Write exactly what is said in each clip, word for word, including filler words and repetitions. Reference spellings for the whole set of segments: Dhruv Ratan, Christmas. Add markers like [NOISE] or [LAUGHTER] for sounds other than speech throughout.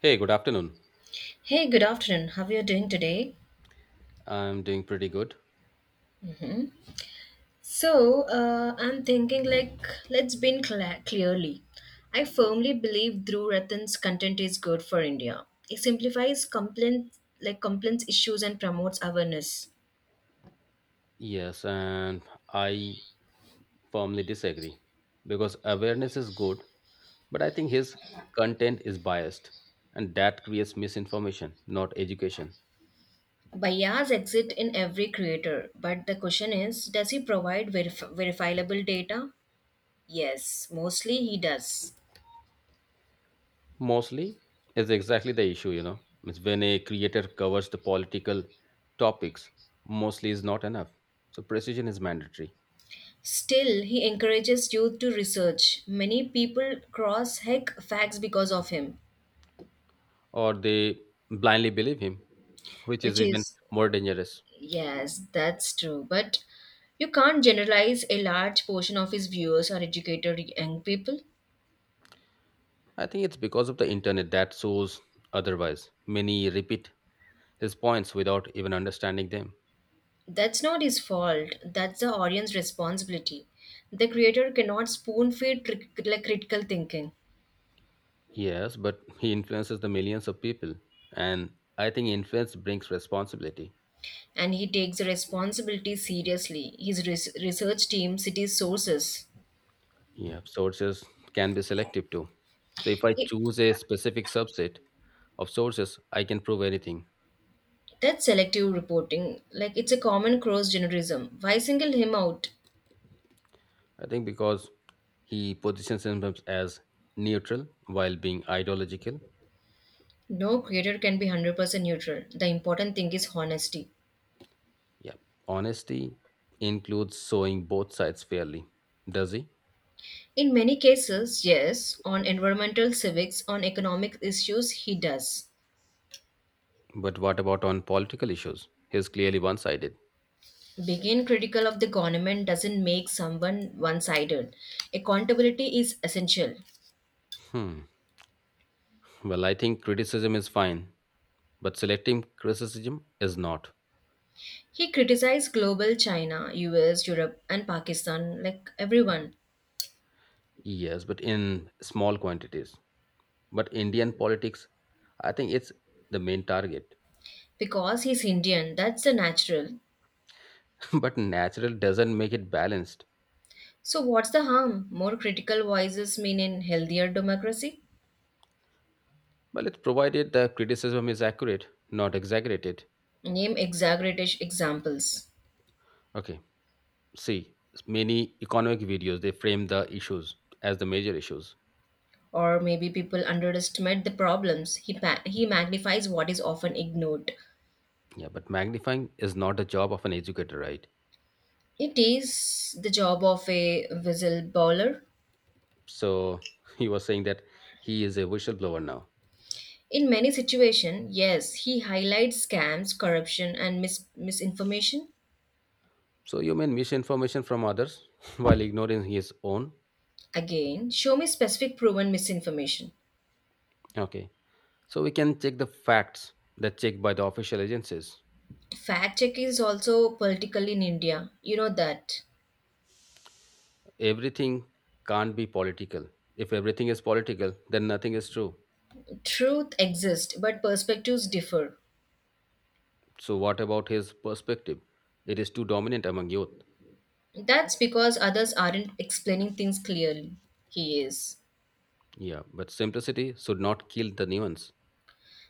Hey, good afternoon. Hey, good afternoon. How are you doing today? I'm doing pretty good. So, uh, I'm thinking like, let's be clear clearly. I firmly believe Dhruv Ratan's content is good for India. It simplifies complaints, like complaints issues and promotes awareness. Yes, and I firmly disagree because awareness is good, but I think his content is biased and that creates misinformation, not education. Bias exist in every creator, but the question is, does he provide verif- verifiable data? Yes, mostly he does. Mostly is exactly the issue, you know. It's when a creator covers the political topics, mostly is not enough. So precision is mandatory, Still, he encourages youth to research. Many people cross heck facts because of him, or they blindly believe him, which is which even is. more dangerous. Yes, that's true. But you can't generalize, a large portion of his viewers are educated young people. I think it's because of the internet that shows otherwise. Many repeat his points without even understanding them. That's not his fault. That's the audience responsibility. The creator cannot spoon feed cri- like critical thinking. Yes, but he influences the millions of people, and I think influence brings responsibility. And he takes the responsibility seriously. His res- research team cites sources. Yeah, sources can be selective too. So if I It, choose a specific subset of sources, I can prove anything. that's selective reporting. Like it's a common cross genderism. Why single him out? I think because he positions himself as neutral while being ideological. No creator can be one hundred percent neutral. The important thing is honesty. Yeah, honesty includes showing both sides fairly, does he? In many cases, yes, on environmental civics, on economic issues, he does. But what about on political issues? He's clearly one sided. Being critical of the government doesn't make someone one sided. Accountability is essential. Hmm. Well, I think criticism is fine, but selective criticism is not. He criticized global China, U S, Europe, and Pakistan, like everyone, Yes, but in small quantities. But Indian politics, I think it's the main target. because he's Indian. That's the natural. [LAUGHS] But natural doesn't make it balanced. So, what's the harm? More critical voices mean in healthier democracy? Well, it's provided the criticism is accurate, not exaggerated. Name exaggerated examples. Okay, see, many economic videos they frame the issues as the major issues. Or maybe people underestimate the problems. He, pa- he magnifies what is often ignored. Yeah, but magnifying is not the job of an educator, right? It is the job of a whistleblower. So [LAUGHS] he was saying that he is a whistleblower now. In many situations, yes, he highlights scams, corruption, and mis- misinformation. So you may misinformation from others [LAUGHS] while ignoring his own. Again, show me specific proven misinformation. Okay. So we can check the facts that checked by the official agencies. Fact check is also political in India. You know that. Everything can't be political. If everything is political, then nothing is true. Truth exists, but perspectives differ. So what about his perspective? It is too dominant among youth. That's because others aren't explaining things clearly. He is. Yeah, but simplicity should not kill the nuance.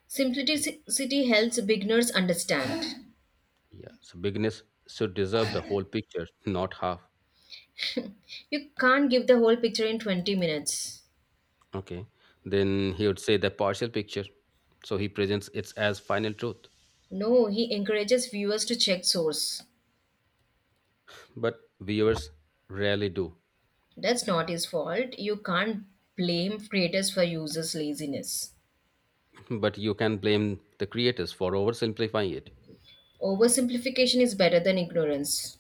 Simplicity helps beginners understand. Yeah, so bigness should deserve the whole picture, not half. You can't give the whole picture in twenty minutes. Okay, then he would say the partial picture. So he presents it as final truth, No, he encourages viewers to check source. but viewers rarely do. That's not his fault. You can't blame creators for users' laziness. But you can blame the creators for oversimplifying it. Oversimplification is better than ignorance.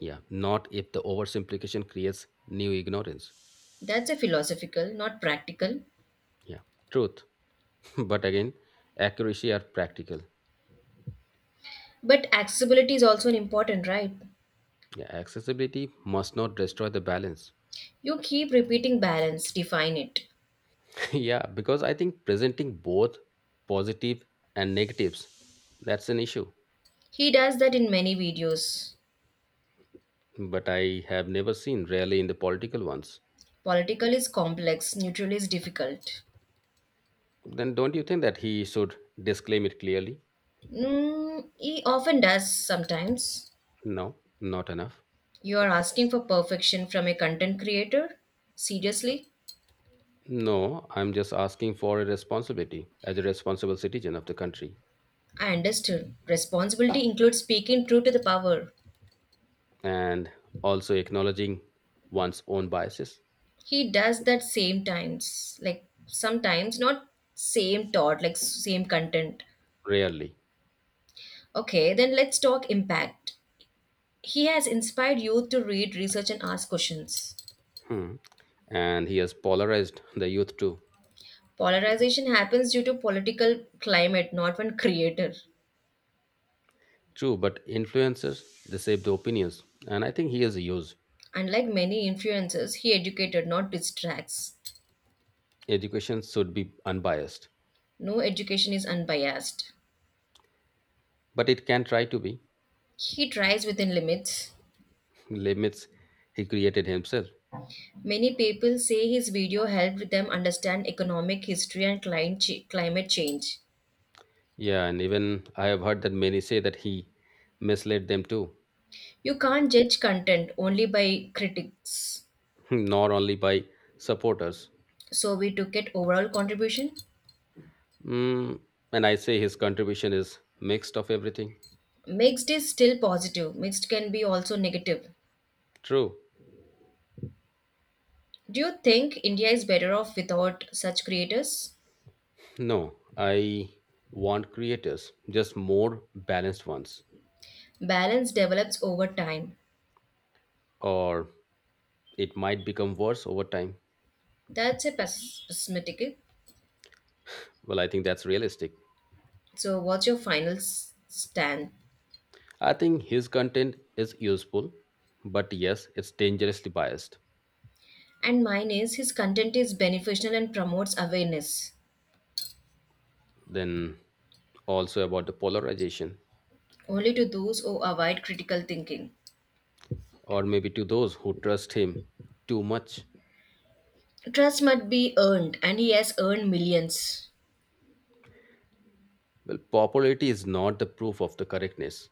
Yeah, not if the oversimplification creates new ignorance. That's a philosophical, not practical. Yeah, truth. [LAUGHS] But again, accuracy are practical. But accessibility is also an important, right? Yeah, accessibility must not destroy the balance. You keep repeating balance, define it. [LAUGHS] Yeah, because I think presenting both positive and negatives, that's an issue. He does that in many videos. But I have never seen, rarely in the political ones. Political is complex, neutral is difficult. Then don't you think that he should disclaim it clearly? Mm, he often does sometimes. No, not enough. You are asking for perfection from a content creator? Seriously? No, I'm just asking for a responsibility as a responsible citizen of the country, I understood. Responsibility includes speaking true to the power. and also acknowledging one's own biases. He does that same times. Like sometimes, not same thought, like same content. Rarely. Okay, then let's talk impact. He has inspired youth to read, research, and ask questions. Hmm. And he has polarized the youth too. Polarization happens due to political climate, not one creator. True, but influencers, they shape the opinions. And I think he has used. Unlike many influencers, he educated, not distracts. Education should be unbiased, No education is unbiased. but it can try to be. He tries within limits. Limits he created himself. Many people say his video helped them understand economic history and client ch- climate change. Yeah, and even I have heard that many say that he misled them too. You can't judge content only by critics. [LAUGHS] Not only by supporters. So we took it overall contribution. Mm, and I say his contribution is mixed of everything. Mixed is still positive. Mixed can be also negative. True. Do you think India is better off without such creators? No, I want creators, just more balanced ones, Balance develops over time. or it might become worse over time. That's a pes- pessimistic. Well, I think that's realistic. So, what's your final s- stand? I think his content is useful, but yes, it's dangerously biased. And mine is his content is beneficial and promotes awareness Then also about the polarization, only to those who avoid critical thinking. or maybe to those who trust him too much. Trust must be earned, and he has earned millions. Well, popularity is not the proof of the correctness.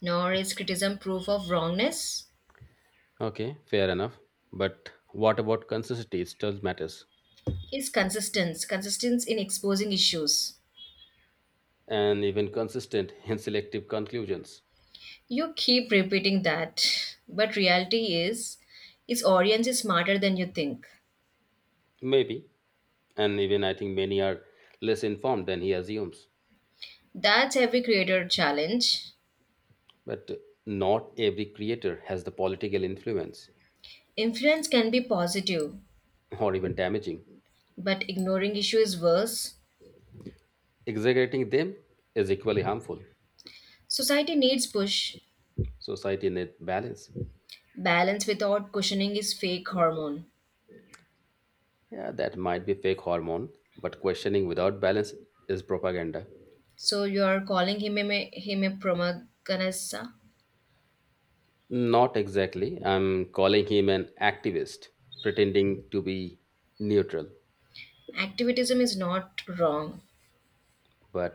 Nor is criticism proof of wrongness. Okay, fair enough. But what about consistency? It still matters. His consistency, consistence in exposing issues. And even consistent [LAUGHS] in selective conclusions. You keep repeating that, but reality is his audience is smarter than you think. Maybe. And even I think many are less informed than he assumes. That's every creator challenge. But not every creator has the political influence, Influence can be positive. or even damaging. But ignoring issue is worse. Exaggerating them is equally harmful. Society needs push. Society needs balance. Balance without cushioning is fake hormone. Yeah, that might be fake hormone, but questioning without balance is propaganda. So you are calling him a him a promaganessa? Not exactly. I'm calling him an activist, pretending to be neutral. Activism is not wrong. But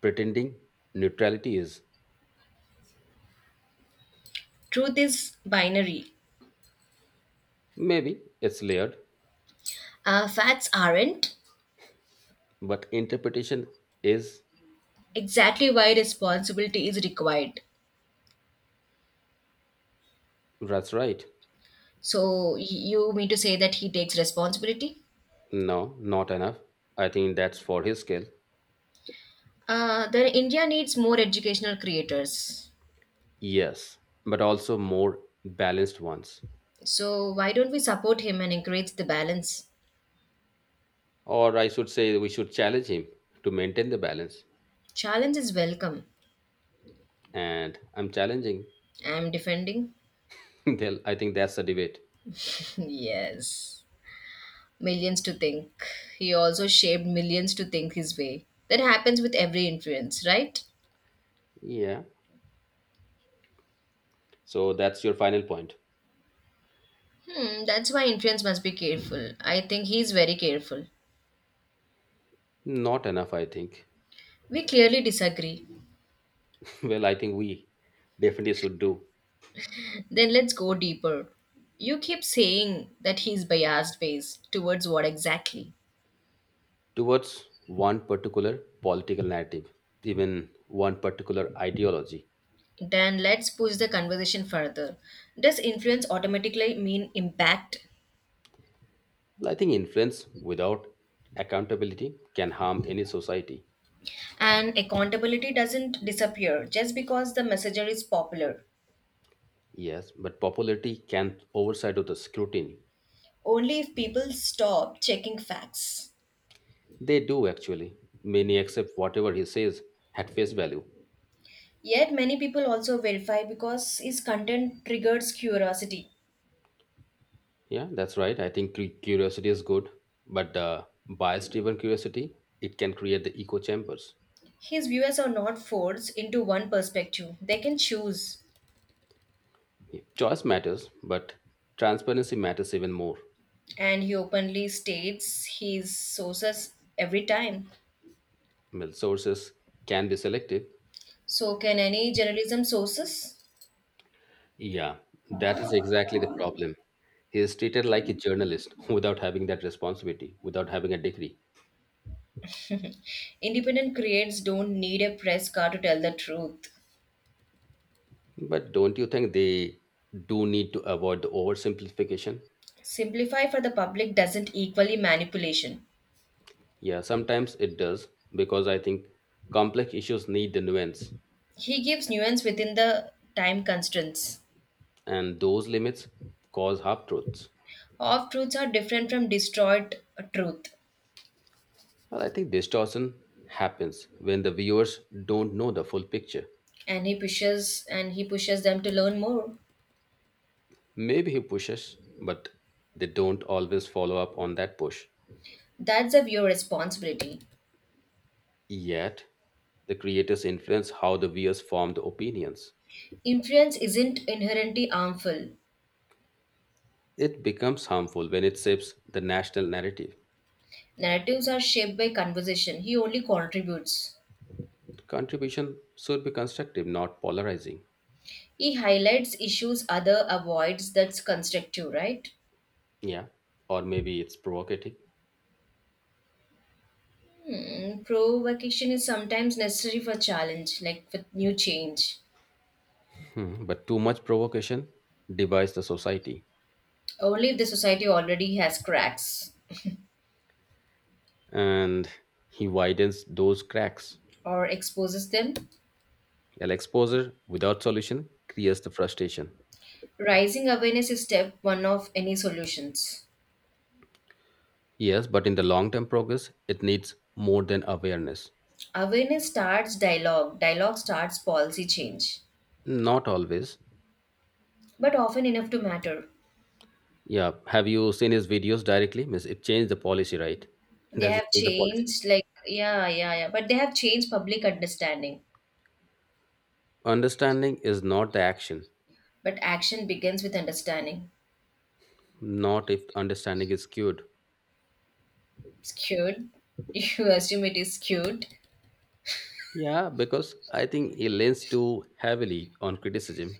pretending neutrality is Truth is binary. maybe it's layered, Uh, facts aren't but interpretation is exactly why responsibility is required. that's right. So y- you mean to say that he takes responsibility? No, not enough. I think that's for his skill. Uh, then India needs more educational creators. Yes, but also more balanced ones. So why don't we support him and encourage the balance? Or I should say, we should challenge him to maintain the balance. Challenge is welcome. And I'm challenging. I'm defending? [LAUGHS] Then I think that's the debate. [LAUGHS] Yes. Millions to think. He also shaped millions to think his way. That happens with every influence, right? Yeah. So that's your final point. Hmm, that's why influence must be careful. I think he's very careful. Not enough, I think. We clearly disagree. [LAUGHS] Well, I think we definitely should do Then let's go deeper. You keep saying that he's biased based towards what exactly? towards one particular political narrative, even one particular ideology. Then let's push the conversation further. Does influence automatically mean impact? Well, I think influence without accountability can harm any society. And accountability doesn't disappear just because the messenger is popular. Yes, but popularity can overshadow the scrutiny. Only if people stop checking facts. They do actually. Many accept whatever he says at face value. Yet many people also verify because his content triggers curiosity. Yeah, that's right. I think cu- curiosity is good, but uh, bias-driven curiosity, it can create the echo chambers. His viewers are not forced into one perspective, they can choose. Choice matters, but transparency matters even more. And he openly states his sources every time. Well, sources can be selective. So, can any journalism sources? Yeah, that is exactly the problem. He is treated like a journalist [LAUGHS] without having that responsibility, without having a degree. Independent creates don't need a press car to tell the truth. But don't you think they do need to avoid the oversimplification? Simplify for the public doesn't equally manipulation. Yeah, sometimes it does, because I think complex issues need the nuance, He gives nuance within the time constraints. and those limits cause half truths. Off truths are different from destroyed truth, Well, I think distortion happens when the viewers don't know the full picture. and he pushes and he pushes them to learn more. Maybe he pushes, but they don't always follow up on that push. That's a viewer responsibility. Yet, the creators influence how the viewers form the opinions. Influence isn't inherently harmful. It becomes harmful when it shapes the national narrative. Narratives are shaped by conversation. He only contributes. Contribution should be constructive, not polarizing. He highlights issues other avoids that's constructive, right? Yeah, or maybe it's provocative. Hmm, provocation is sometimes necessary for challenge, like for new change. Hmm, but too much provocation divides the society, Only if the society already has cracks and he widens those cracks. or exposes them. An exposure without solution creates the frustration. Rising awareness is step one of any solutions. Yes, but in the long term progress, it needs more than awareness. Awareness starts dialogue, dialogue starts policy change, Not always. but often enough to matter. Yeah. Have you seen his videos directly? Means it changed the policy, right? They Does it have change the policy? changed, like, yeah, yeah, yeah, but they have changed public understanding. Understanding is not the action, But action begins with understanding. not if understanding is cured. Skewed. [LAUGHS] You assume it is skewed. Yeah, because I think he leans too heavily on criticism.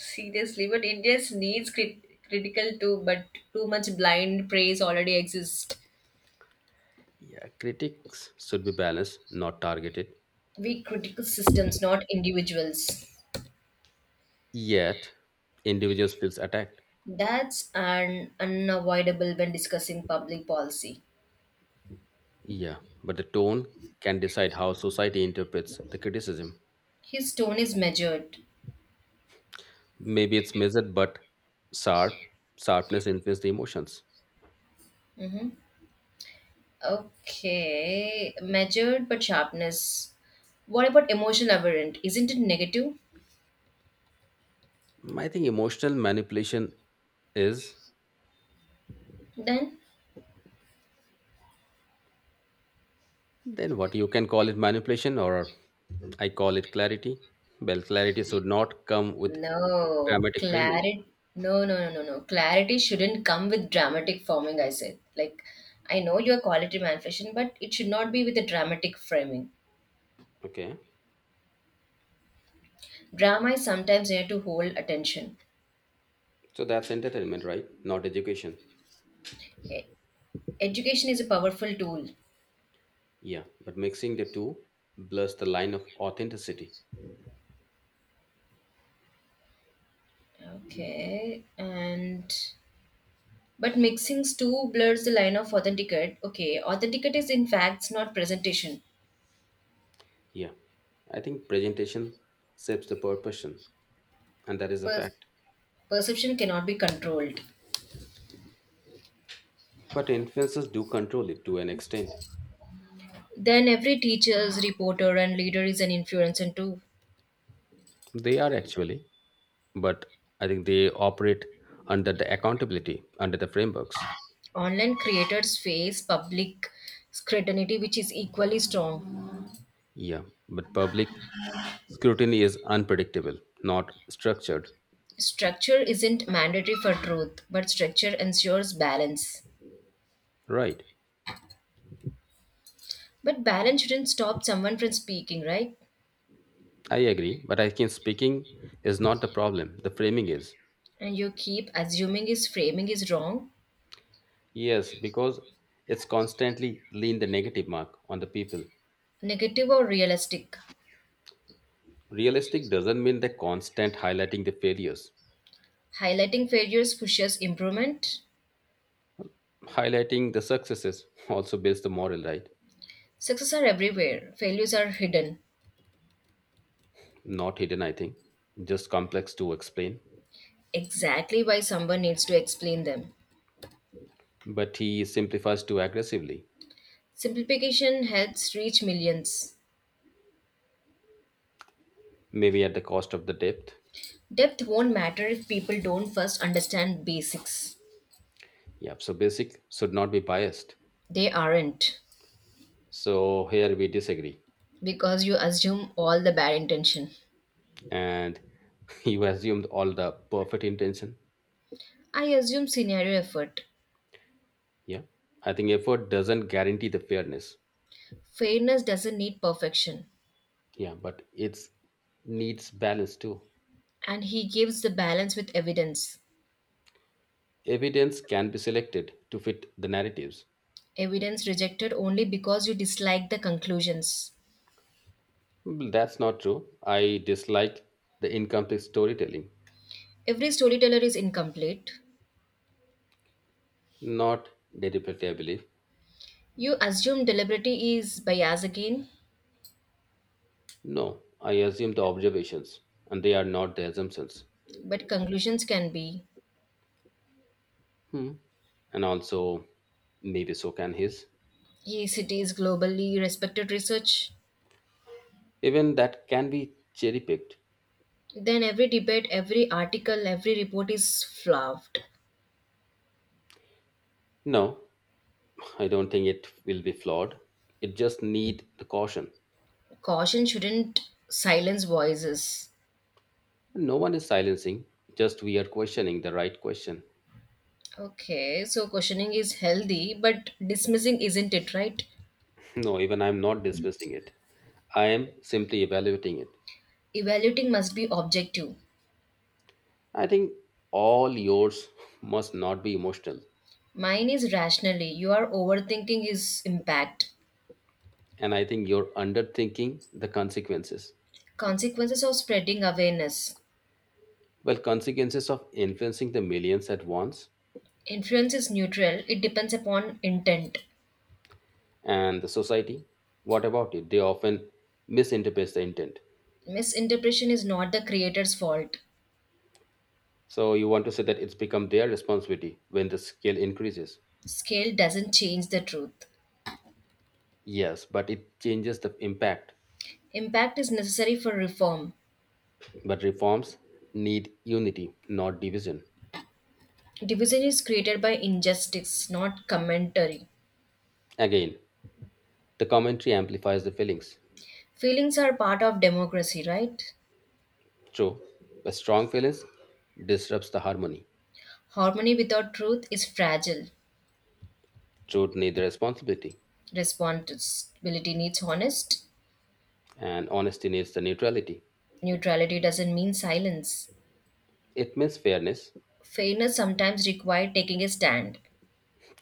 Seriously, but India needs crit- critical too, but too much blind praise already exists. Yeah, critics should be balanced, not targeted. We critical systems, not individuals. Yet, individuals feels attacked. That's an unavoidable when discussing public policy. Yeah, but the tone can decide how society interprets the criticism. His tone is measured. Maybe it's measured but sharp, sharpness influences the emotions. Hmm. Okay, measured but sharpness. What about emotional aberrant? Isn't it negative I think emotional manipulation is then? then what you can call it manipulation, or I call it clarity. Well, clarity should not come with No, dramatic framing. clarity. No, no, no, no, no. Clarity shouldn't come with dramatic forming. I said, like, I know you're quality manifestation, but it should not be with a dramatic framing. Okay, Drama is sometimes there to hold attention. so that's entertainment, right, not education? E- Education is a powerful tool. Yeah, but mixing the two blurs the line of authenticity. Okay, and but mixing stew blurs the line of authenticate. Okay, authenticate is in facts, not presentation. Yeah, I think presentation shapes the proportion, and that is a Per- fact, perception cannot be controlled. but influences do control it to an extent. Then every teacher's reporter and leader is an influencer too. They are actually, but I think they operate under the accountability, under the frameworks. Online creators face public scrutiny, which is equally strong. Yeah, but public scrutiny is unpredictable, not structured. Structure isn't mandatory for truth, but structure ensures balance. Right. But balance shouldn't stop someone from speaking, right? I agree, but I think speaking is not the problem. The framing is. And you keep assuming his framing is wrong. Yes, because it's constantly lean the negative mark on the people. Negative or realistic? Realistic doesn't mean the constant highlighting the failures. Highlighting failures pushes improvement. Highlighting the successes [LAUGHS] also builds the moral, right? Success are everywhere, failures are hidden. Not hidden, I think. Just complex to explain. Exactly why someone needs to explain them. But he simplifies too aggressively, Simplification helps reach millions. maybe at the cost of the depth. Depth won't matter if people don't first understand basics. Yeah, so basic should not be biased. They aren't. So here we disagree. Because you assume all the bad intention. And [LAUGHS] you assumed all the perfect intention. I assume scenario effort. Yeah. I think effort doesn't guarantee the fairness. Fairness doesn't need perfection. Yeah, but it's needs balance too. And he gives the balance with evidence. Evidence can be selected to fit the narratives. Evidence rejected only because you dislike the conclusions. Well, that's not true. I dislike the incomplete storytelling, Every storyteller is incomplete. not deliberately, I believe. You assume deliberately is bias again, No, I assume the observations, and they are not the assumptions. but conclusions can be. Hmm. And also, maybe so can his. E C T is globally respected research. Even that can be cherry picked. Then every debate, every article, every report is fluffed. No, I don't think it will be flawed. It just need the caution. Caution shouldn't silence voices. No one is silencing. Just we are questioning the right question. [LAUGHS] Okay, so questioning is healthy, but dismissing isn't it, right? No, even I'm not dismissing it. I am simply evaluating it. Evaluating must be objective. I think all yours [LAUGHS] must not be emotional, Mine is rationally. You are overthinking his impact. and I think you're underthinking the consequences. Consequences of spreading awareness. Well, consequences of influencing the millions at once Influence is neutral, it depends upon intent. and the society, what about it? They often misinterpret the intent. Misinterpretation is not the creator's fault. So you want to say that it's become their responsibility when the scale increases. Scale doesn't change the truth. Yes, but it changes the impact. Impact is necessary for reform. But reforms need unity, not division. Division is created by injustice, not commentary. Again, the commentary amplifies the feelings. Feelings are part of democracy, right? True, but strong feelings disrupts the harmony. Harmony without truth is fragile. Truth needs the responsibility, Responsibility needs honest. and honesty needs the neutrality. Neutrality doesn't mean silence. It means fairness, Fairness sometimes requires taking a stand.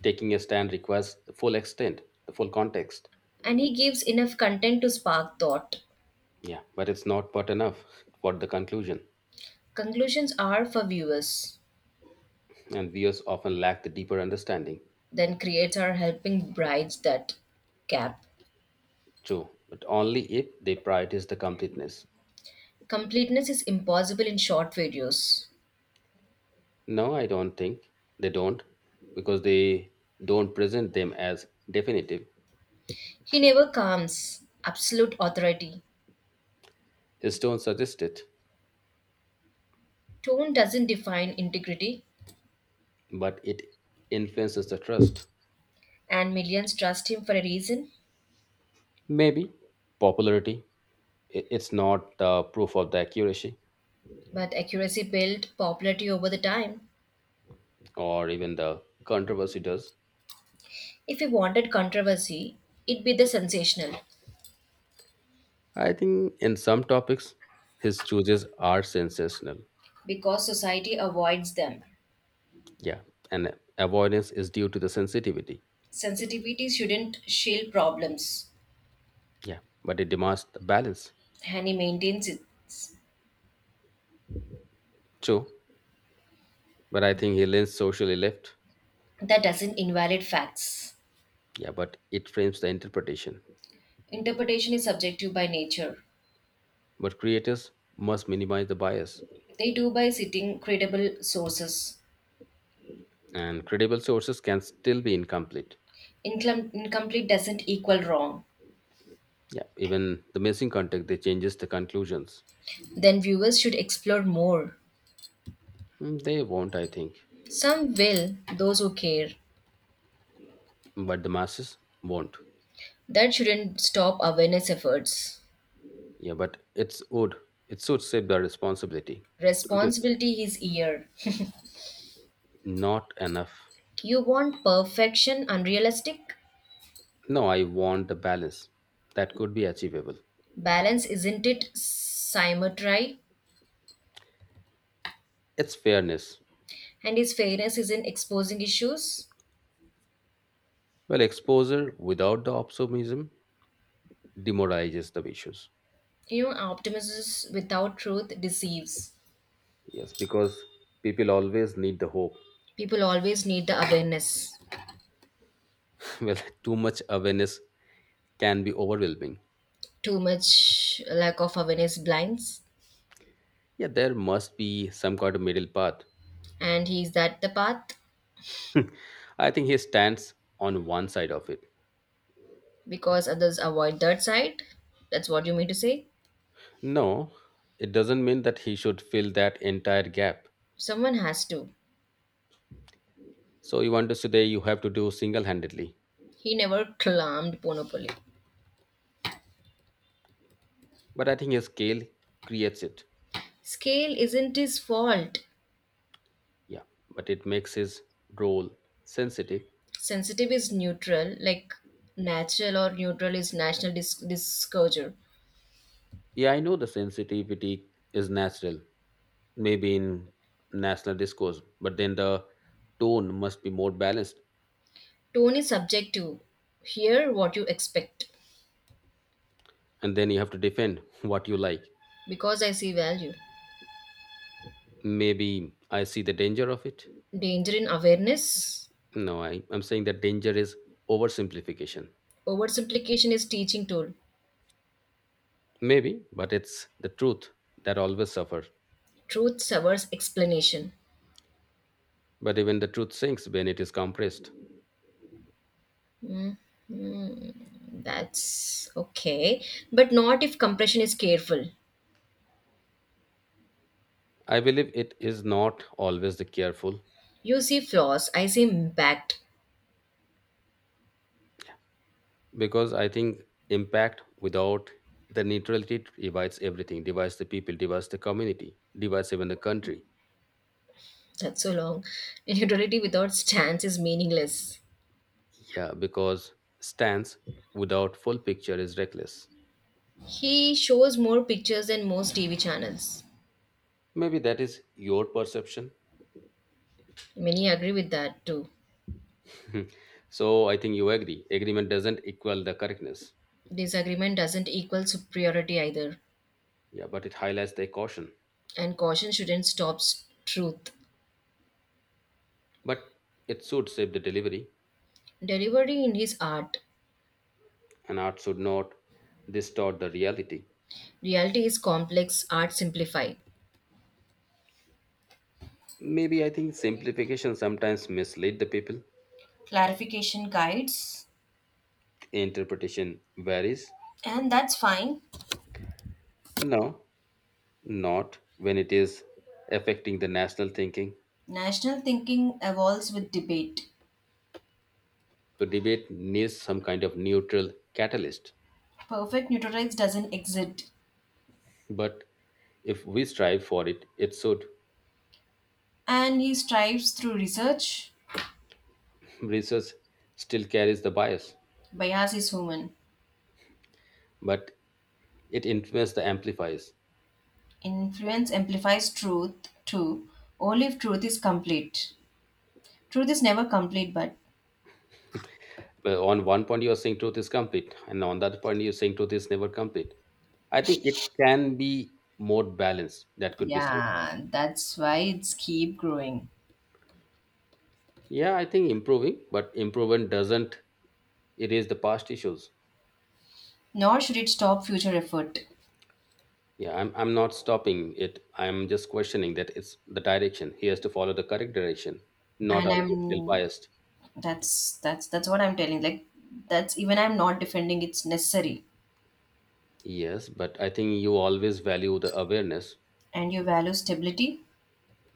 taking a stand requires the full extent, the full context. And he gives enough content to spark thought. Yeah, but it's not but enough for the conclusion, Conclusions are for viewers, and viewers often lack the deeper understanding. then creates are helping brides that Yeah, gap. true, but only if they prioritize the completeness. Completeness is impossible in short videos. No, I don't think they don't, because they don't present them as definitive. He never comes, absolute authority. His tone suggests it, Tone doesn't define integrity, but it influences the trust. and millions trust him for a reason. Maybe popularity. i- It's not the proof of the accuracy, But accuracy built popularity over the time. or even the controversy does. If he wanted controversy, it'd be the sensational, I think in some topics, his choices are sensational. because society avoids them. Yeah. And avoidance is due to the sensitivity. Sensitivity shouldn't shield problems, Yeah. But it demands the balance. and he maintains it. True. But I think he leans socially left. That doesn't invalid facts. Yeah. But it frames the interpretation. Interpretation is subjective by nature. But creators must minimize the bias. They do by citing credible sources. And credible sources can still be incomplete. Incom- incomplete doesn't equal wrong. Yeah. Even the missing context, they changes the conclusions. Then viewers should explore more. Mm, they won't, I think. Some will, those who care. But the masses won't. That shouldn't stop awareness efforts. Yeah. But it's would. It should save the responsibility. Don't you? Responsibility is here. Not enough. You want perfection unrealistic? No, I want the balance that could be achievable. Balance isn't it symmetry? It's fairness. And is fairness isn't exposing issues? Well, exposure without the optimism demoralizes the issues. You know, optimism without truth deceives. Yes, because people always need the hope. People always need the awareness. [LAUGHS] Well, too much awareness can be overwhelming. Too much lack of awareness blinds, Yeah, there must be some kind of middle path. and he's that the path [LAUGHS] I think he stands on one side of it. because others avoid that side. That's what you mean to say. No, it doesn't mean that he should fill that entire gap. Someone has to. So you want to say that you have to do single handedly. He never climbed monopoly. But I think his scale creates it. Scale isn't his fault. Yeah, but it makes his role sensitive. Sensitive is neutral, like natural or neutral is national dis- discouragement. Yeah, I know the sensitivity is natural, maybe in national discourse, but then the tone must be more balanced. Tone is subjective. Hear what you expect. And then you have to defend [LAUGHS] what you like. Because I see value. Maybe I see the danger of it. Danger in awareness? No I, I'm saying that danger is oversimplification. Oversimplification is teaching tool. Maybe, but it's the truth that always suffers. Truth serves explanation. But even the truth sinks when it is compressed. That's okay. But not if compression is careful. I believe it is not always the careful, You see flaws, I see impact. because I think impact without the neutrality divides everything, divides the people, divides the community, divides even the country. That's so long. And utility without stance is meaningless. Yeah, because stance without full picture is reckless. He shows more pictures than most T V channels. Maybe that is your perception. Many agree with that too. So I think you agree. Agreement doesn't equal the correctness. Disagreement doesn't equal superiority either. Yeah, but it highlights the caution. And caution shouldn't stop s- truth. But it should shape the delivery, Delivery in his art. and art should not distort the reality. Reality is complex, art simplified. Maybe I think simplification sometimes mislead the people. Clarification guides. Interpretation varies. And that's fine. No, not when it is affecting the national thinking. National thinking evolves with debate. The debate needs some kind of neutral catalyst. Perfect neutralize doesn't exist, But if we strive for it, it should. and he strives through research. Research still carries the bias, Bias is human. but it influences the amplifiers. Influence amplifies truth too, only if truth is complete. Truth is never complete, but But on one point, you are saying truth is complete, and on the other point, you're saying truth is never complete. I think it can be more balanced, that could be said. yeah, that's why it's keep growing. Yeah, I think improving, but improvement doesn't erase the past issues. Nor should it stop future effort. Yeah, I'm I'm not stopping it. I'm just questioning that it's the direction. He has to follow the correct direction, not And always feel I'm biased. that's that's that's what I'm telling. Like that's even I'm not defending it's necessary. Yes, but I think you always value the awareness. And you value stability,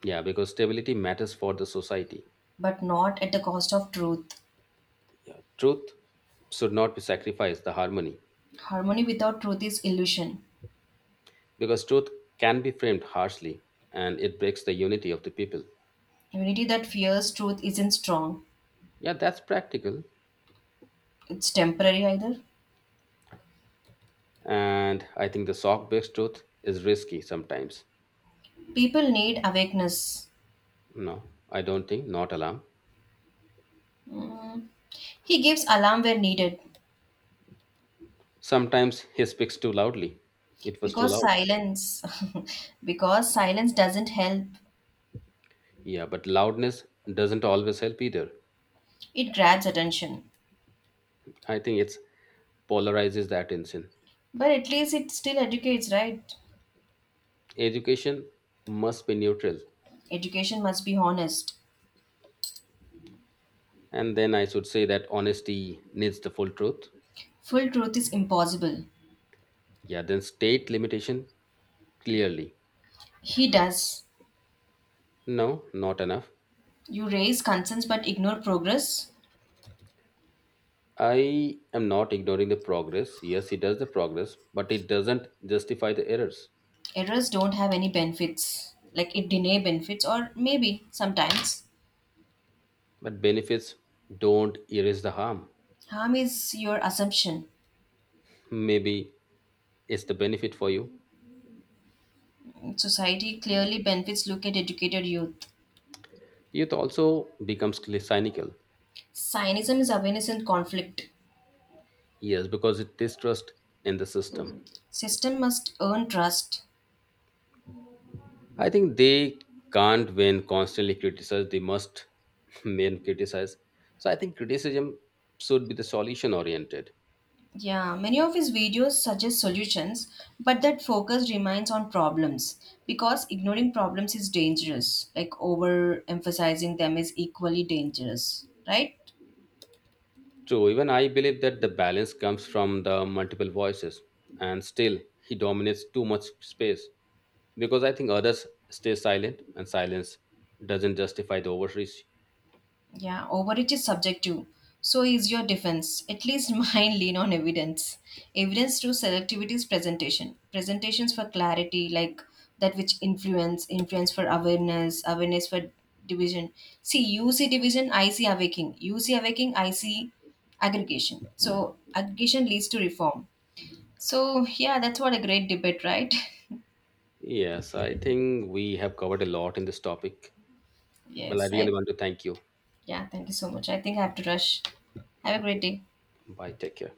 Yeah, because stability matters for the society. but not at the cost of truth. Yeah, truth should not be sacrificed the harmony Harmony without truth is illusion. because truth can be framed harshly and it breaks the unity of the people. Unity that fears truth isn't strong. Yeah, that's practical. It's temporary either. And I think the sock-based truth is risky sometimes. People need awakeness. No, I don't think not alarm. Mm. He gives alarm where needed Sometimes he speaks too loudly. It was too because loud. silence [LAUGHS] because silence doesn't help. Yeah, but loudness doesn't always help either. It grabs attention. I think it's polarizes the attention. But at least it still educates, right? Education must be neutral. Education must be honest. And then I should say that honesty needs the full truth. Full truth is impossible. Yeah, then state limitation clearly. He does. No, not enough. You raise concerns but ignore progress. I am not ignoring the progress. Yes, it does the progress, but it doesn't justify the errors. Errors don't have any benefits like it deny benefits or maybe sometimes But benefits don't erase the harm. harm is your assumption. Maybe it's the benefit for you. Society clearly benefits, look at educated youth. Youth also becomes cli- cynical, Zionism is awareness in conflict. yes, because it distrust in the system. System must earn trust. I think they can't when constantly criticized, they must [LAUGHS] when criticize. So I think criticism should be the solution oriented. Yeah, many of his videos suggest solutions, but that focus remains on problems because ignoring problems is dangerous. Like overemphasizing them is equally dangerous, right? True, even I believe that the balance comes from the multiple voices, and still he dominates too much space because I think others stay silent and silence doesn't justify the overreach. Yeah, overreach is subjective. So is your defense. At least [LAUGHS] mine lean on evidence. Evidence through selectivity is presentation. Presentations for clarity, like that which influence, influence for awareness, awareness for division. See, you see division, I see awaking. You see awaking, I see aggregation. So aggregation leads to reform. So yeah, that's what a great debate, right? Yes, I think we have covered a lot in this topic. [LAUGHS] Well, I Yes. really I, want to thank you. yeah, thank you so much. I think I have to rush. Have a great Okay. day. Bye. Take care.